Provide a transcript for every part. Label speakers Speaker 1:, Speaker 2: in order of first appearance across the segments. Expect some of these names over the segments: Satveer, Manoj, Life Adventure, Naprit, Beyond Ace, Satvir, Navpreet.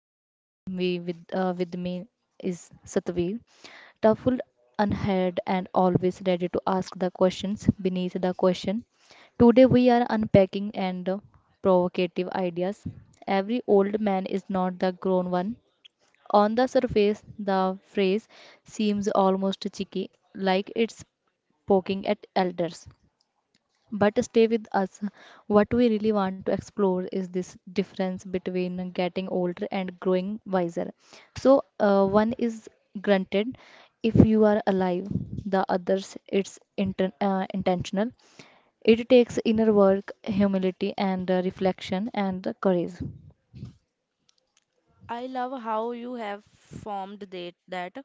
Speaker 1: and with me is Satveer. Thoughtful, unheard, and always ready to ask the questions beneath the question. Today we are unpacking and provocative ideas. Every old man is not the grown one. On the surface, the phrase seems almost cheeky, like it's poking at elders. But stay with us. What we really want to explore is this difference between getting older and growing wiser. So, one is granted if you are alive; the others, it's intentional. It takes inner work, humility, and reflection, and courage.
Speaker 2: I love how you have formed that,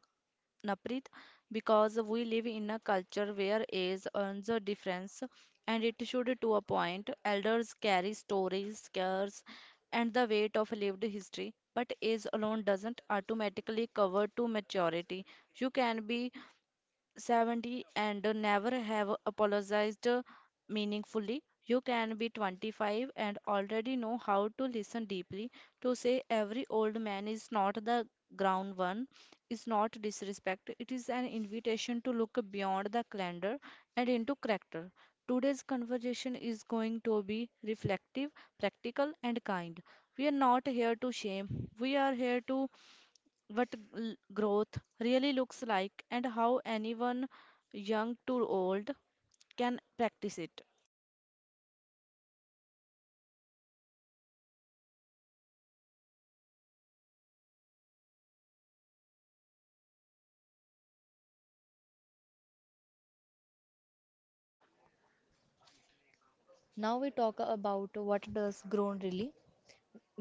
Speaker 2: Naprit, because we live in a culture where age earns a difference, and it should to a point. Elders carry stories, scares, and the weight of lived history, but age alone doesn't automatically cover to maturity. You can be 70 and never have apologized meaningfully. You can be 25 and already know how to listen deeply. To say every old man is not the ground one is not disrespect. It is an invitation to look beyond the calendar and into character. Today's conversation is going to be reflective, practical, and kind. We are not here to shame, we are here to what growth really looks like and how anyone, young to old, can practice it.
Speaker 1: Now we talk about what does grown really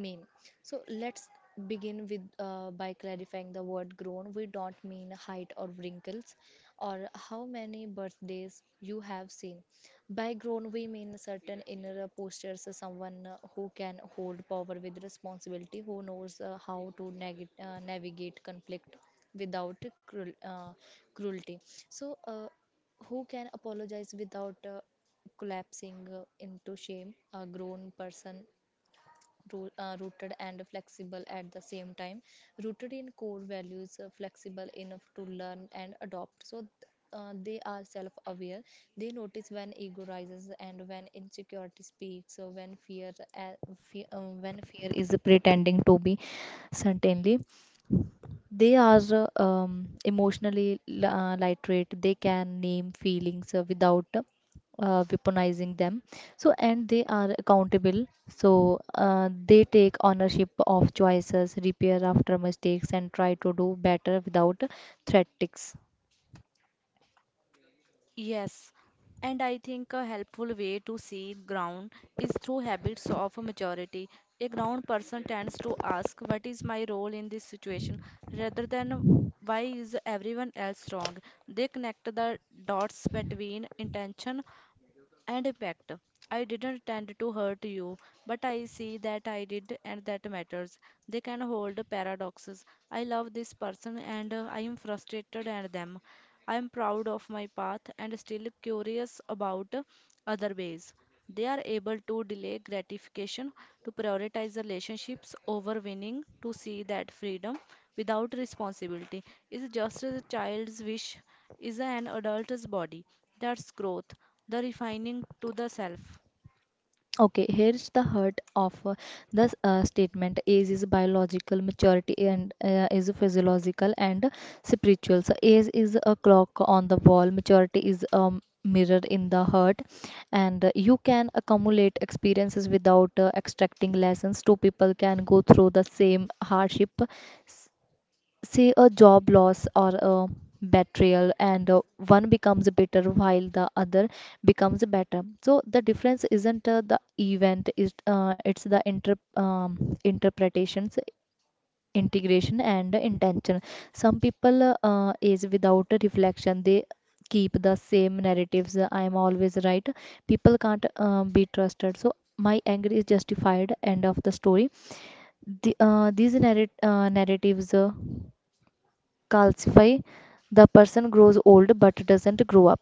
Speaker 1: mean. So let's begin with by clarifying the word grown. We don't mean height or wrinkles or how many birthdays you have seen. By grown, we mean certain inner postures: someone who can hold power with responsibility, who knows how to navigate conflict without cruelty. So, uh, who can apologize without collapsing into shame? A grown person rooted and flexible at the same time: rooted in core values, flexible enough to learn and adopt. They are self-aware. They notice when ego rises and when insecurity speaks, so when fear, fear when fear is pretending to be certainly. They are emotionally literate. They can name feelings without weaponizing them. So, and they are accountable. They take ownership of choices, repair after mistakes, and try to do better without threat.
Speaker 2: Yes, and I think a helpful way to see ground is through habits of maturity. A ground person tends to ask, what is my role in this situation, rather than why is everyone else wrong? They connect the dots between intention and impact. I didn't tend to hurt you, but I see that I did, and that matters. They can hold paradoxes. I love this person, and I am frustrated at them. I am proud of my path and still curious about other ways. They are able to delay gratification, to prioritize relationships over winning, to see that freedom without responsibility is just a child's wish, is an adult's body. That's growth, the refining to the self.
Speaker 1: Okay, here's the heart of the statement. Age is biological; maturity and is physiological and spiritual. So age is a clock on the wall. Maturity is a mirror in the heart, and you can accumulate experiences without extracting lessons. Two people can go through the same hardship, say a job loss or a betrayal, and one becomes bitter while the other becomes better. So the difference isn't the event, is it's the interpretations, integration, and intention. Some people, is without a reflection, they keep the same narratives: I am always right, people can't be trusted, so my anger is justified, end of the story. These narratives calcify. The person grows old but doesn't grow up.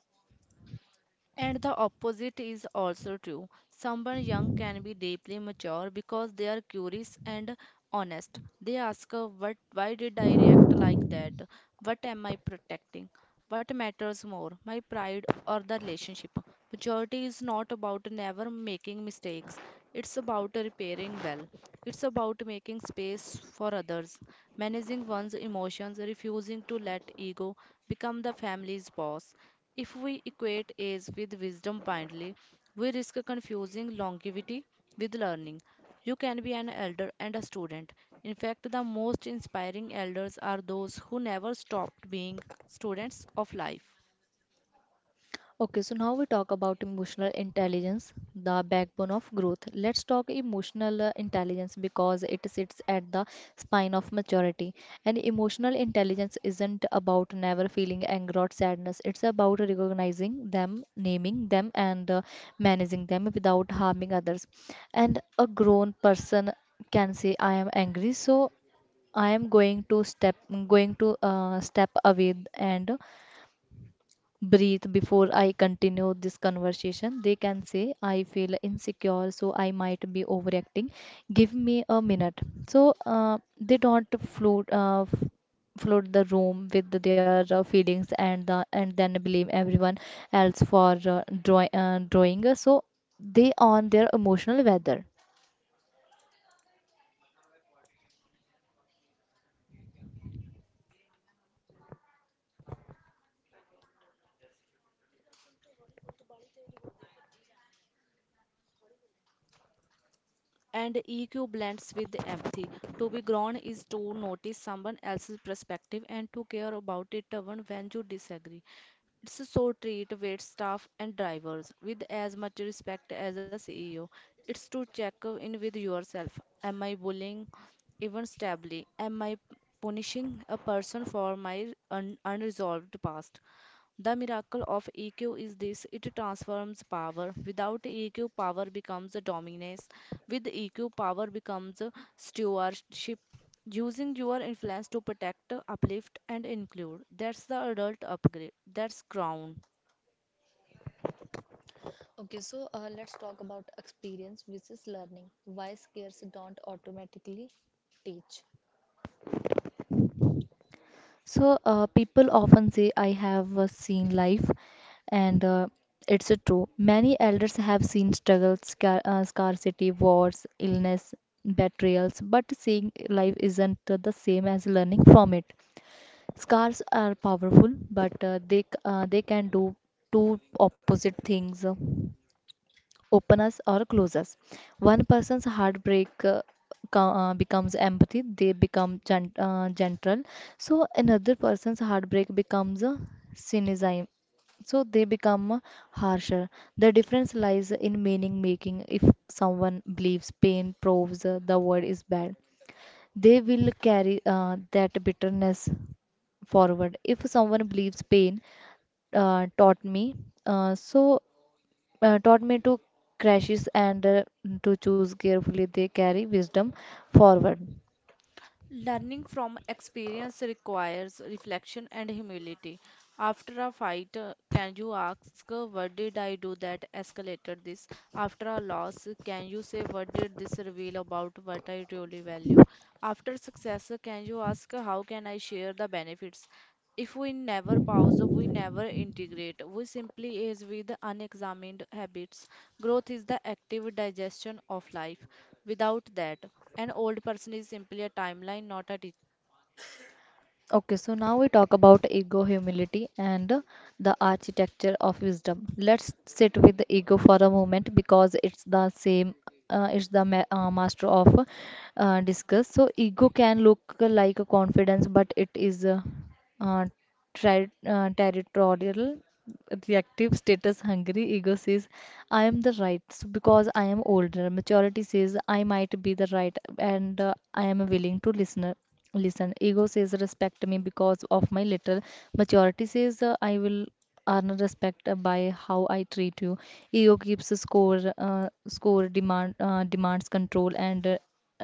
Speaker 2: And the opposite is also true. Someone young can be deeply mature because they are curious and honest. They ask, "What? Why did I react like that? What am I protecting? What matters more, my pride or the relationship?" Maturity is not about never making mistakes. It's about repairing well. It's about making space for others, managing one's emotions, refusing to let ego become the family's boss. If we equate age with wisdom blindly, we risk confusing longevity with learning. You can be an elder and a student. In fact, the most inspiring elders are those who never stopped being students of life.
Speaker 1: Okay, so now we talk about emotional intelligence, the backbone of growth. Let's talk emotional intelligence because it sits at the spine of maturity. And emotional intelligence isn't about never feeling anger or sadness; it's about recognizing them, naming them, and managing them without harming others. And a grown person can say, I am angry, so I am going to step away and breathe before I continue this conversation. They can say, I feel insecure, so I might be overacting. Give me a minute. So, they don't flood the room with their feelings, and then blame everyone else for drawing, so they on their emotional weather.
Speaker 2: And EQ blends with empathy. To be grown is to notice someone else's perspective and to care about it even when you disagree. It's so treat wait staff and drivers with as much respect as a CEO. It's to check in with yourself. Am I bullying even stably? Am I punishing a person for my unresolved past? The miracle of EQ is this, it transforms power. Without EQ, power becomes a dominance. With EQ, power becomes a stewardship, using your influence to protect, uplift, and include. That's the adult upgrade. That's crown.
Speaker 1: Okay, so let's talk about experience versus learning. Why scares don't automatically teach? People often say, I have seen life, and it's true. Many elders have seen struggles, scarcity, wars, illness, betrayals, but seeing life isn't the same as learning from it. Scars are powerful, but they can do two opposite things: open us or close us. One person's heartbreak becomes empathy; they become gentle. So another person's heartbreak becomes cynicism; So they become harsher. The difference lies in meaning making. If someone believes pain proves the word is bad, they will carry that bitterness forward. If someone believes pain uh, taught me, uh, so taught me to crashes and to choose carefully, they carry wisdom forward.
Speaker 2: Learning from experience requires reflection and humility. After a fight, can you ask, what did I do that escalated this? After a loss, can you say, what did this reveal about what I really value? After success, can you ask, how can I share the benefits? If we never pause, we never integrate, we simply is with unexamined habits. Growth is the active digestion of life. Without that, an old person is simply a timeline, not a teacher.
Speaker 1: Okay, so now we talk about ego, humility, and the architecture of wisdom. Let's sit with the ego for a moment because it's the same. It's the master of discuss. So ego can look like a confidence, but it is uh, territorial, reactive, status hungry. Ego says, I am the right because I am older. Maturity says, I might be the right, and I am willing to listen. Ego says, respect me because of my little. Maturity says, I will earn respect by how I treat you. Ego keeps a score, demands control, and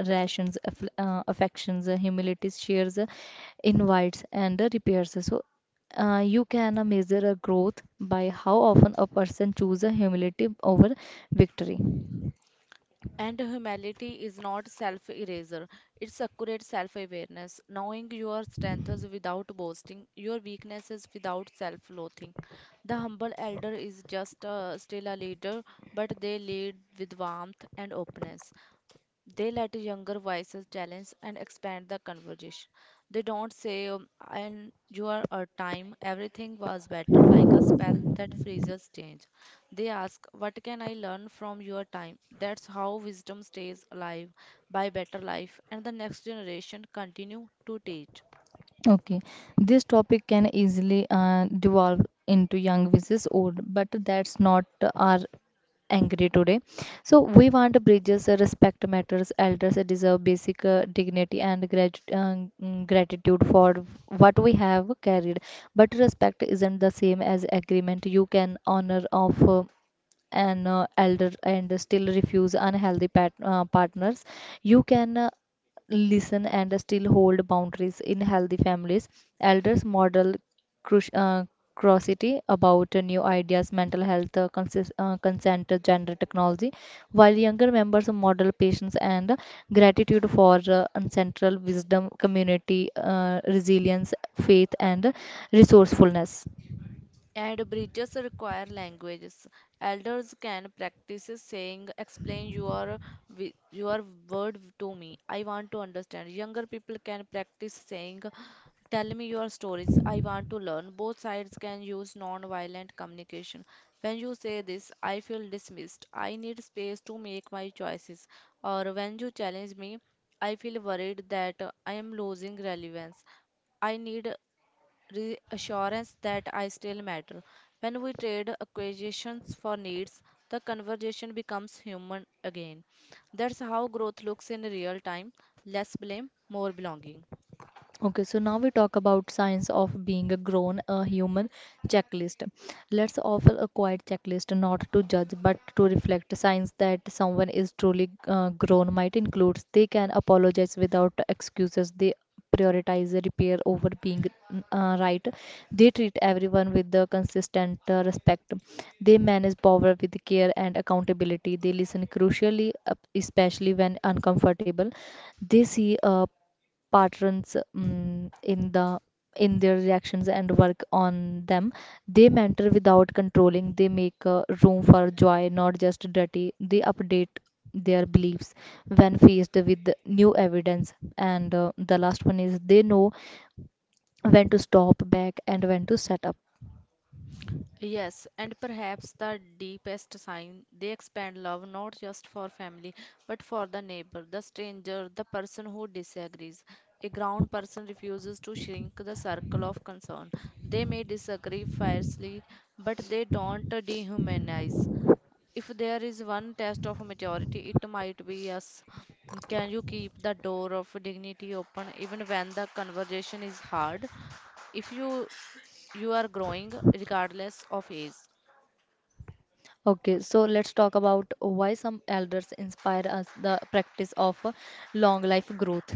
Speaker 1: rations affections. Uh, humilities, shares, invites, and repairs. So, you can measure a growth by how often a person chooses humility over victory.
Speaker 2: And humility is not self eraser, it's accurate self awareness, knowing your strengths without boasting, your weaknesses without self loathing. The humble elder is just still a leader, but they lead with warmth and openness. They let younger voices challenge and expand the conversation. They don't say, "And your time, everything was better," like a spell that freezes change. They ask, "What can I learn from your time?" That's how wisdom stays alive by better life, and the next generation continue to teach.
Speaker 1: Okay, this topic can easily devolve into young versus old, but that's not our angry today. So we want bridges. Respect matters; elders deserve basic dignity and gratitude for what we have carried. But respect isn't the same as agreement. You can honor of an elder and still refuse unhealthy pat partners. You can listen and still hold boundaries in healthy families. Elders model cruci- uh, curiosity about new ideas, mental health, consent, gender, technology, while younger members model patience and gratitude for ancestral wisdom, community resilience, faith, and resourcefulness.
Speaker 2: And bridges require languages. Elders can practice saying, "Explain your wi- your word to me. I want to understand." Younger people can practice saying, "Tell me your stories. I want to learn." Both sides can use non-violent communication. When you say this, I feel dismissed. I need space to make my choices. Or when you challenge me, I feel worried that I am losing relevance. I need reassurance that I still matter. When we trade acquisitions for needs, the conversation becomes human again. That's how growth looks in real time, less blame, more belonging.
Speaker 1: Okay, so now we talk about signs of being a grown, a human checklist. Let's offer a quiet checklist, not to judge but to reflect. Signs that someone is truly grown might include: they can apologize without excuses. They prioritize repair over being right. They treat everyone with the consistent respect. They manage power with care and accountability. They listen crucially, especially when uncomfortable. They see a patterns in their reactions and work on them. They mentor without controlling. They make room for joy, not just duty. They update their beliefs when faced with new evidence. And the last one is, they know when to stop back and when to set up.
Speaker 2: Yes, and perhaps the deepest sign, they expand love not just for family but for the neighbor, the stranger, the person who disagrees. A ground person refuses to shrink the circle of concern. They may disagree fiercely, but they don't dehumanize. If there is one test of a majority, it might be yes. Can you keep the door of dignity open even when the conversation is hard? If you You are growing regardless of age.
Speaker 1: Okay, so let's talk about why some elders inspire us, the practice of long life growth.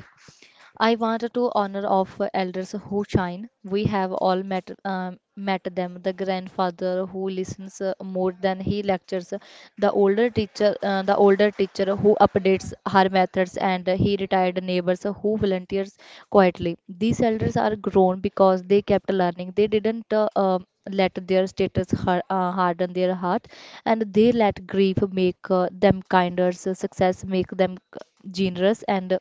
Speaker 1: I wanted to honor of elders who shine. We have all met them: the grandfather who listens more than he lectures, the older teacher who updates her methods, and he retired neighbors who volunteers quietly. These elders are grown because they kept learning. They didn't let their status harden their heart, and they let grief make them kinder, success make them generous, and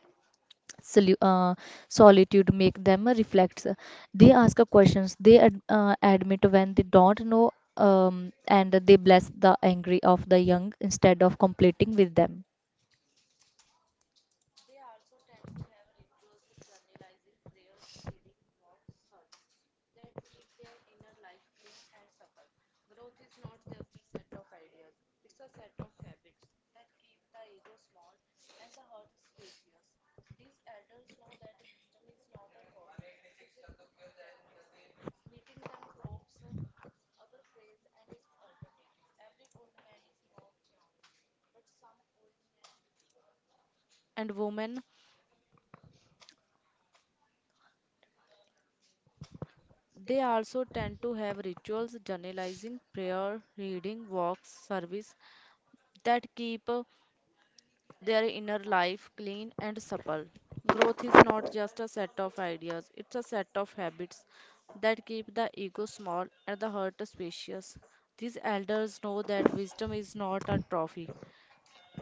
Speaker 1: solu- uh, solitude make them reflect. They ask a questions; they admit when they don't know, and they bless the angry of the young instead of completing with them.
Speaker 2: And women, they also tend to have rituals, journalizing, prayer, reading, walks, service that keep their inner life clean and supple. Growth is not just a set of ideas, it's a set of habits that keep the ego small and the heart spacious. These elders know that wisdom is not a trophy,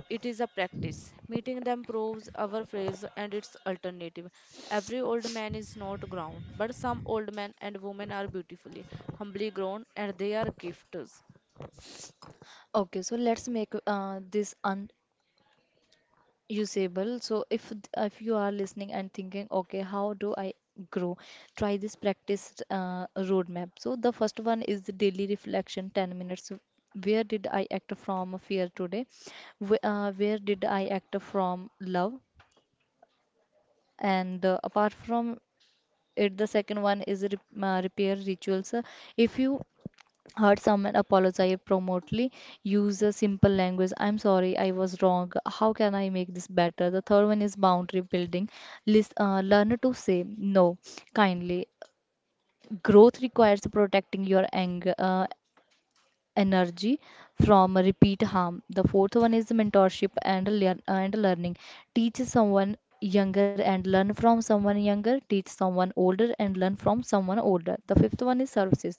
Speaker 2: it is a practice. Meeting them proves our phrase and its alternative. Every old man is not grown, but some old men and women are beautifully, humbly grown, and they are gifts.
Speaker 1: Okay, so let's make this usable. So if you are listening and thinking, okay, how do I grow? Try this practice roadmap. So the first one is the daily reflection, 10 minutes. So where did I act from fear today? Where did I act from love? And apart from it, the second one is repair rituals. If you heard someone, apologize promptly. Use a simple language: I'm sorry, I was wrong, how can I make this better? The third one is boundary building. Learn to say no kindly. Growth requires protecting your anger energy from repeat harm. The fourth one is mentorship and learning. Teach someone younger and learn from someone younger; teach someone older and learn from someone older. The fifth one is services.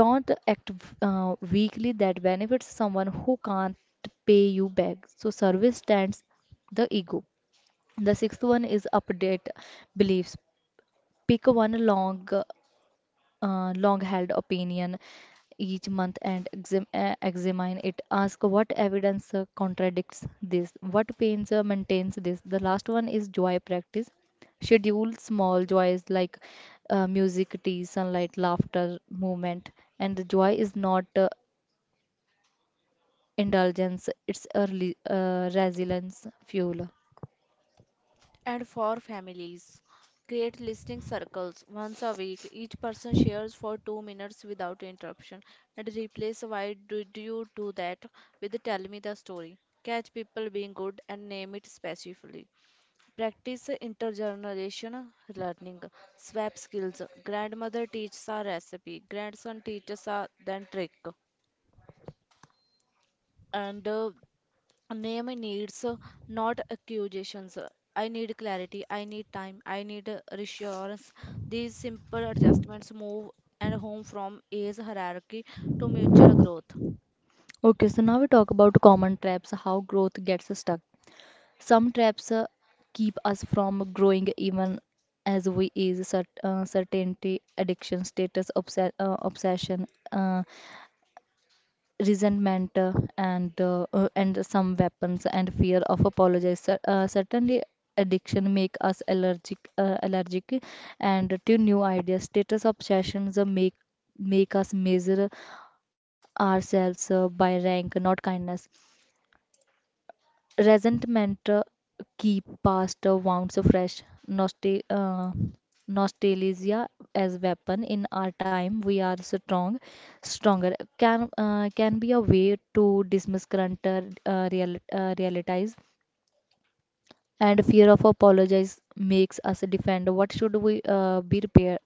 Speaker 1: Don't act weakly that benefits someone who can't pay you back. So, service stands the ego. The sixth one is update beliefs. Pick one long-held opinion each month and examine it. Ask what evidence contradicts this, what pains maintains this. The last one is joy practice. Schedule small joys like music, tea, sunlight, laughter, movement. And the joy is not indulgence, it's early resilience fuel.
Speaker 2: And for families, create listening circles once a week. Each person shares for 2 minutes without interruption and replace why did you do that with tell me the story. Catch people being good and name it specifically. Practice intergenerational learning. Swap skills. Grandmother teaches a recipe. Grandson teaches a then trick. And Name needs, not accusations. I need clarity. I need time. I need reassurance. These simple adjustments move and home from age hierarchy to mutual growth.
Speaker 1: Okay, so now we talk about common traps, how growth gets stuck. Some traps keep us from growing even as we is certainty, addiction, status, obsession, uh, resentment, and some weapons and fear of apologize. Certainly, addiction make us allergic, and to new ideas. Status obsessions make us measure ourselves by rank, not kindness. Resentment keep past wounds fresh. Nostal uh, nostalgia as weapon in our time. We are strong, stronger. Can be a way to dismiss current realities, and fear of apologize makes us defend what should we be repair.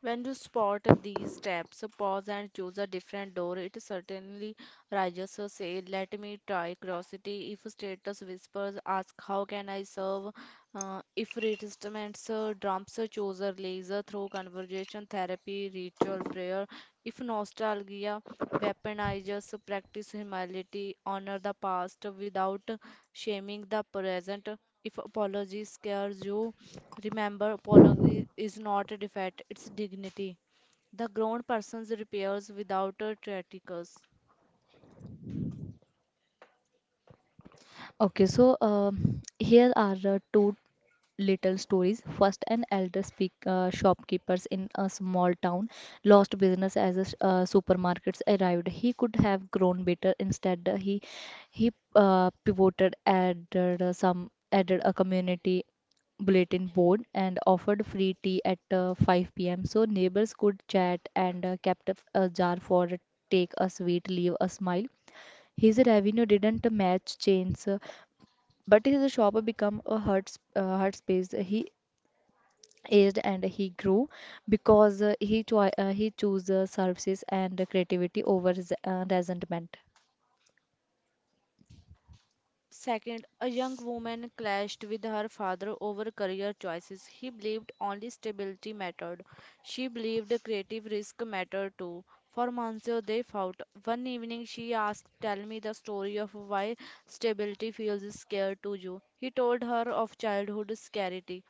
Speaker 2: When you spot these steps, pause and choose a different door. It certainly rises. So say, let me try curiosity. If status whispers, ask how can I serve? If resistance drums, choose a laser through conversation therapy, ritual prayer. If nostalgia weaponizes, practice humility, honor the past without shaming the present. If apology scares you, remember, apology is not a defect, it's dignity. The grown person's repairs without a traticus.
Speaker 1: Okay, so here are two little stories. First, an elder speak shopkeepers in a small town lost business as supermarkets arrived. He could have grown better. Instead, he pivoted, added a community bulletin board and offered free tea at 5 p.m. so neighbors could chat and kept a jar for take a sweet, leave a smile. His revenue didn't match chains, but his shop became a hurt space. He aged and he grew because he chose services and creativity over resentment.
Speaker 2: Second, a young woman clashed with her father over career choices. He believed only stability mattered. She believed creative risk mattered too. For months they fought. One evening she asked, tell me the story of why stability feels scared to you. He told her of childhood scarcity,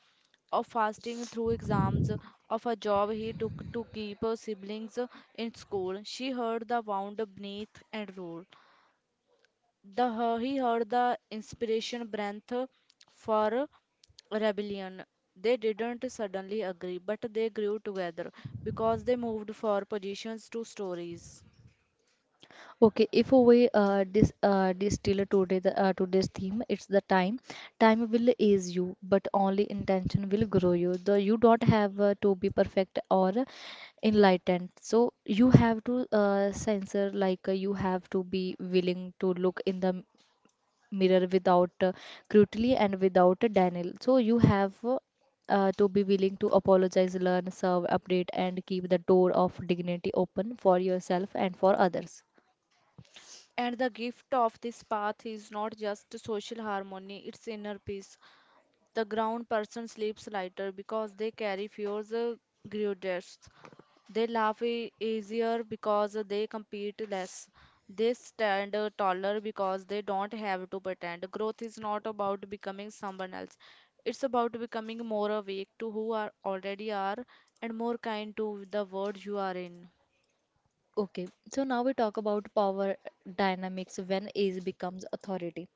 Speaker 2: of fasting through exams, of a job he took to keep her siblings in school. She heard the wound beneath and roar. He heard the inspiration breath for rebellion. They didn't suddenly agree, but they grew together because they moved for positions to stories.
Speaker 1: Okay, if we distill today's theme, it's the time. Time will ease you, but only intention will grow you. The you don't have to be perfect or enlightened. So you have to censor, like you have to be willing to look in the mirror without cruelty and without a denial. So you have to be willing to apologize, learn, serve, update, and keep the door of dignity open for yourself and for others.
Speaker 2: And the gift of this path is not just social harmony, it's inner peace. The ground person sleeps lighter because they carry fewer grudges. They laugh easier because they compete less. They stand taller because they don't have to pretend. Growth is not about becoming someone else. It's about becoming more awake to who are already are and more kind to the world you are in.
Speaker 1: Okay, so now we talk about power dynamics when age becomes authority.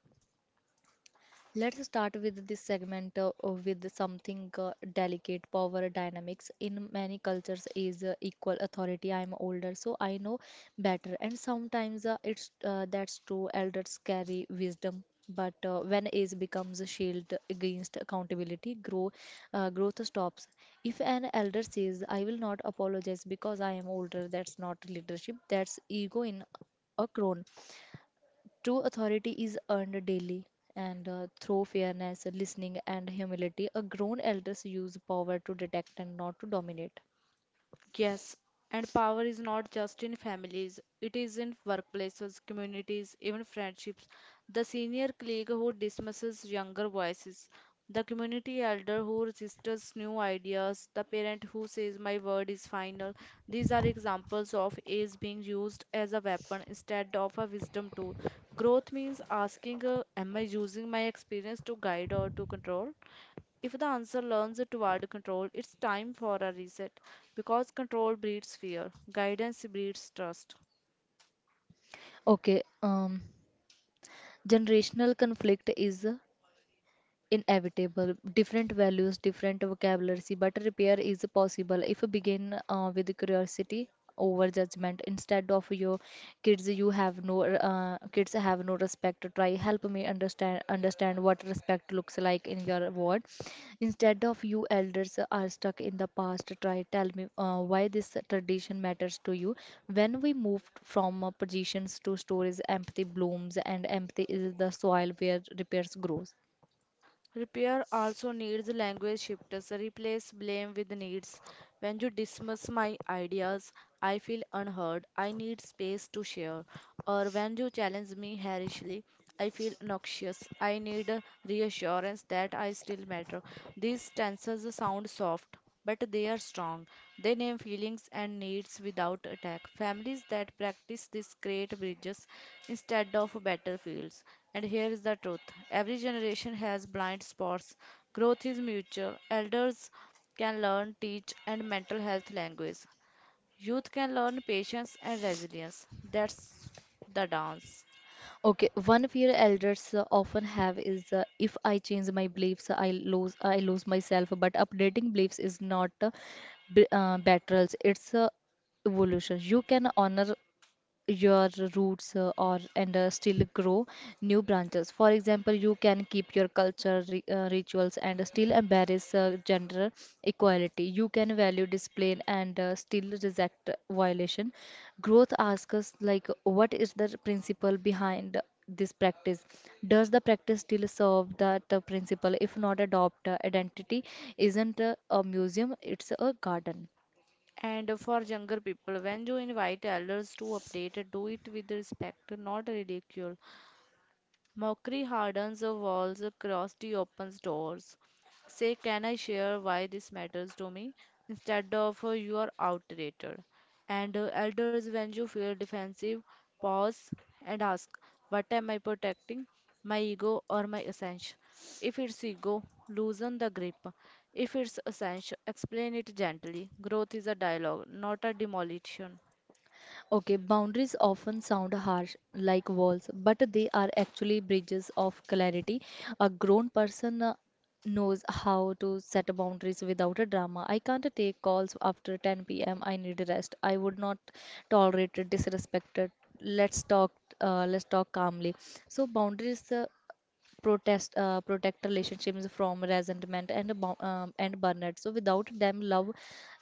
Speaker 1: Let's start with this segment with something delicate. Power dynamics in many cultures is equal authority. I'm older, so I know better, and sometimes it's that's true. Elders carry wisdom, but when age becomes a shield against accountability, growth stops. If an elder says, "I will not apologize because I am older," that's not leadership. That's ego in a crown. True authority is earned daily and through fairness, listening, and humility. A grown elders use power to detect and not to dominate.
Speaker 2: Yes, and power is not just in families, it is in workplaces, communities, even friendships. The senior colleague who dismisses younger voices, the community elder who resists new ideas, the parent who says, my word is final. These are examples of age being used as a weapon instead of a wisdom tool. Growth means asking, am I using my experience to guide or to control? If the answer leans toward control, it's time for a reset because control breeds fear, guidance breeds trust.
Speaker 1: Okay, generational conflict is inevitable. Different values, different vocabulary, but repair is possible if you begin with curiosity over judgment. Instead of "your kids have no respect," try "help me understand what respect looks like in your world." Instead of "you elders are stuck in the past," try "tell me why this tradition matters to you." When we moved from positions to stories, empathy blooms, and empathy is the soil where repairs grows.
Speaker 2: Repair also needs language shifters. Replace blame with needs. When you dismiss my ideas, I feel unheard. I need space to share. Or when you challenge me harshly, I feel noxious. I need a reassurance that I still matter. These stanzas sound soft, but they are strong. They name feelings and needs without attack. Families that practice this create bridges instead of battlefields. And here is the truth, every generation has blind spots. Growth is mutual. Elders can learn, teach, and mental health language. Youth can learn patience and resilience. That's the dance.
Speaker 1: Okay, one fear elders often have is, if I change my beliefs, I lose myself. But updating beliefs is not battles; it's a evolution. You can honor your roots or and still grow new branches. For example, you can keep your culture rituals and still embrace gender equality. You can value discipline and still reject violation. Growth asks us, like, what is the principle behind this practice? Does the practice still serve that principle? If not, adopt. Identity isn't a museum, it's a garden.
Speaker 2: And for younger people, when you invite elders to update, do it with respect, not ridicule. Mockery hardens the walls, curiosity opens doors. Say, can I share why this matters to me? Instead of you are outdated. And elders, when you feel defensive, pause and ask, what am I protecting? My ego or my essence? If it's ego, loosen the grip. If it's essence, explain it gently. Growth is a dialogue, not a demolition.
Speaker 1: Okay, boundaries often sound harsh, like walls, but they are actually bridges of clarity. A grown person knows how to set boundaries without a drama. I can't take calls after 10 p.m. I need rest. I would not tolerate disrespected. Let's talk. Let's talk calmly. So boundaries protest protect relationships from resentment and and burnout. So without them love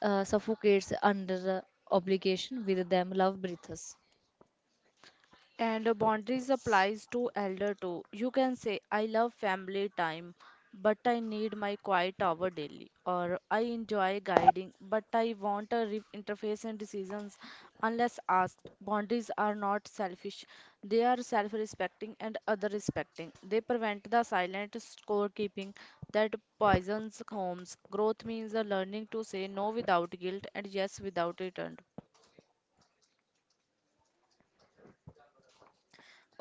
Speaker 1: suffocates under the obligation; with them love breathes.
Speaker 2: And boundaries applies to elder too. You can say, I love family time, but I need my quiet hour daily. Or I enjoy guiding, but I want a interface in decisions unless asked. Boundaries are not selfish. They are self-respecting and other respecting. They prevent the silent scorekeeping that poisons homes. Growth means a learning to say no without guilt and yes without return.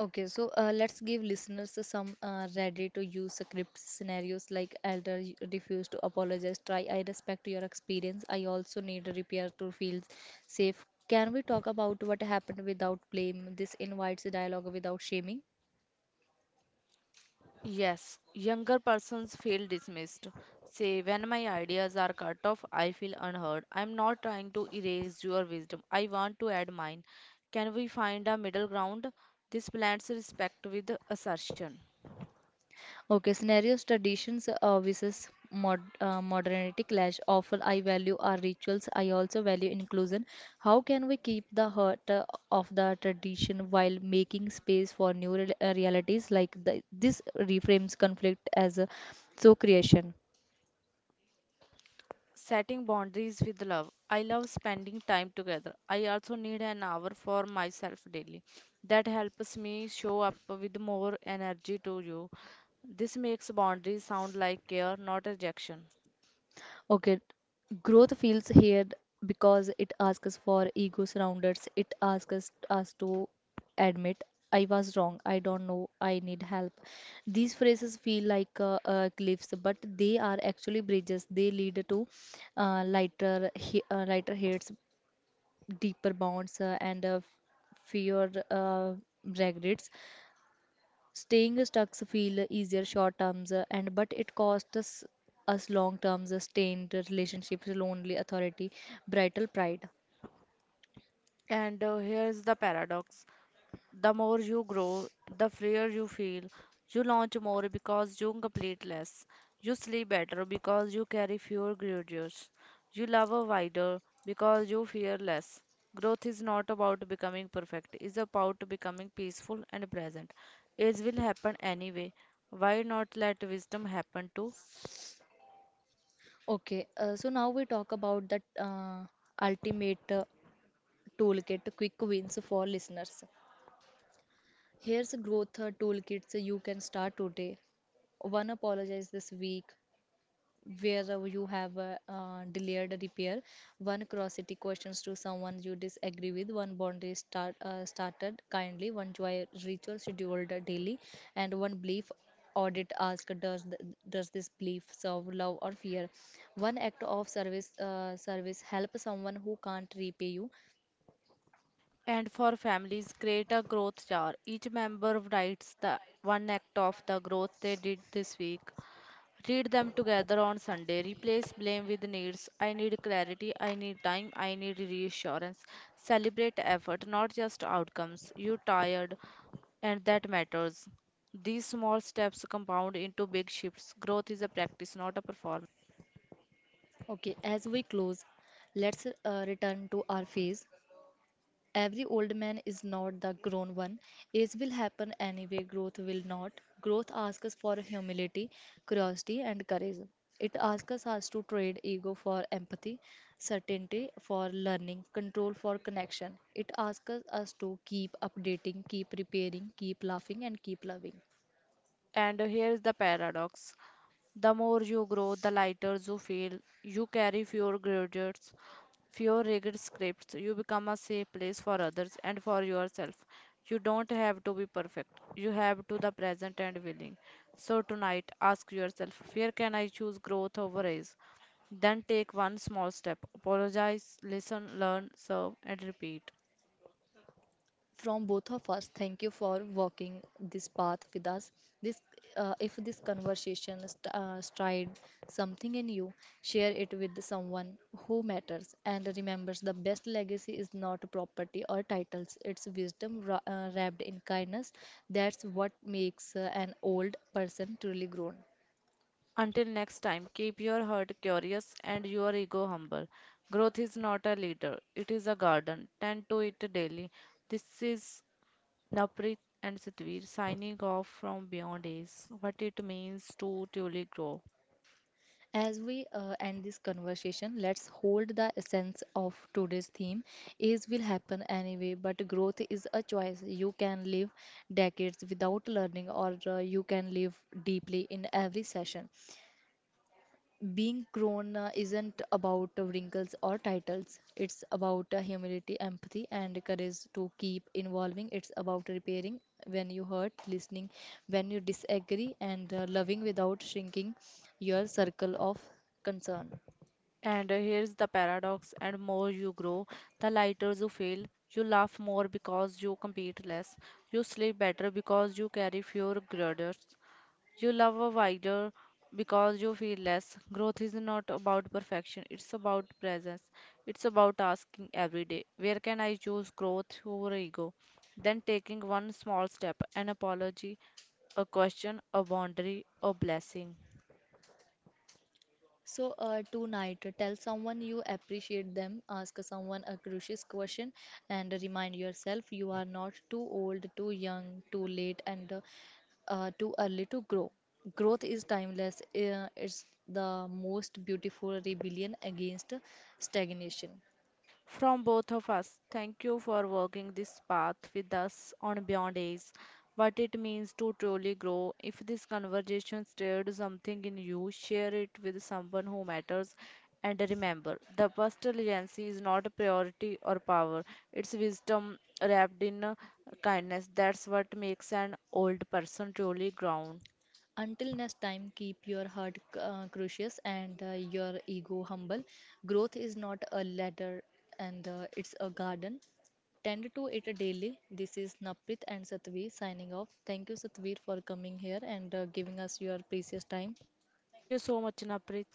Speaker 1: Okay, so let's give listeners some ready to use script scenarios. Like, elder refuse to apologize, try "I respect your experience, I also need repair to feel safe. Can we talk about what happened without blame?" This invites dialogue without shaming.
Speaker 2: Yes, younger persons feel dismissed. Say, when my ideas are cut off, I feel unheard. I'm not trying to erase your wisdom. I want to add mine. Can we find a middle ground? This blends respect with assertion.
Speaker 1: Okay, scenarios, traditions versus modernity clash. Often, "I value our rituals, I also value inclusion. How can we keep the heart of the tradition while making space for new realities?" Like, this reframes conflict as a so creation.
Speaker 2: Setting boundaries with love. I love spending time together. I also need an hour for myself daily. That helps me show up with more energy to you. This makes boundaries sound like care, not rejection.
Speaker 1: Okay, growth feels here because it asks us for ego surrounders. It asks us to admit, "I was wrong, I don't know, I need help." These phrases feel like cliffs, but they are actually bridges. They lead to lighter heads, deeper bonds, and fewer regrets. Staying stuck feel easier short terms, and but it costs us long terms, strained relationships, lonely authority, brittle pride.
Speaker 2: And here's the paradox. The more you grow, the freer you feel. You launch more because you complete less. You sleep better because you carry fewer grudges. You love wider because you fear less. Growth is not about becoming perfect, it's about becoming peaceful and present. Age will happen anyway. Why not let wisdom happen too?
Speaker 1: Okay, so now we talk about that ultimate toolkit, quick wins for listeners. Here's growth toolkits you can start today. One, apologize this week, wherever you have a delayed repair; one curiosity questions to someone you disagree with; one boundary started kindly; one joy ritual scheduled daily; and one belief audit, asked, does this belief serve love or fear; one act of service, help someone who can't repay you.
Speaker 2: And for families, create a growth jar. Each member writes the one act of the growth they did this week. Read them together on Sunday. Replace blame with needs. I need clarity. I need time. I need reassurance. Celebrate effort, not just outcomes. You tired, and that matters. These small steps compound into big shifts. Growth is a practice, not a performance.
Speaker 1: Okay, as we close, let's return to our phase. Every old man is not the grown one. Age will happen anyway, growth will not. Growth asks us for humility, curiosity, and courage. It asks us to trade ego for empathy, certainty for learning, control for connection. It asks us to keep updating, keep repairing, keep laughing, and keep loving.
Speaker 2: And here is the paradox, the more you grow, the lighter you feel. You carry fewer grudges, fewer rigid scripts. You become a safe place for others and for yourself. You don't have to be perfect. You have to the present and willing. So tonight, ask yourself, where can I choose growth over ease? Then take one small step. Apologize, listen, learn, serve, and repeat.
Speaker 1: From both of us, thank you for walking this path with us. This, if this conversation stirred something in you, share it with someone who matters. And remembers, the best legacy is not property or titles; it's wisdom wrapped in kindness. That's what makes an old person truly grown.
Speaker 2: Until next time, keep your heart curious and your ego humble. Growth is not a leader, it is a garden. Tend to it daily. This is Naprit and Satvir signing off from Beyond Ace, what it means to truly grow.
Speaker 1: As we end this conversation, let's hold the essence of today's theme. Is will happen anyway, but growth is a choice. You can live decades without learning, or you can live deeply in every session. Being grown isn't about wrinkles or titles. It's about humility, empathy, and courage to keep evolving. It's about repairing when you hurt, listening when you disagree, and loving without shrinking your circle of concern.
Speaker 2: And here's the paradox, and more you grow, the lighter you feel. You laugh more because you compete less. You sleep better because you carry fewer grudges. You love a wider because you feel less. Growth is not about perfection, it's about presence. It's about asking every day, where can I choose growth over ego? Then taking one small step, an apology, a question, a boundary, a blessing.
Speaker 1: So, tonight, tell someone you appreciate them, ask someone a crucial question, and remind yourself you are not too old, too young, too late, and too early to grow. Growth is timeless, it's the most beautiful rebellion against stagnation.
Speaker 2: From both of us, thank you for walking this path with us on Beyond Ace. What it means to truly grow. If this conversation stirred something in you, share it with someone who matters. And remember, the personal agency is not a priority or power, it's wisdom wrapped in kindness. That's what makes an old person truly grown.
Speaker 1: Until next time, keep your heart curious and your ego humble. Growth is not a ladder and it's a garden. Tend to it daily. This is Naprit and Satvi signing off. Thank you, Satvi, for coming here and giving us your precious time.
Speaker 2: Thank you so much, Napri.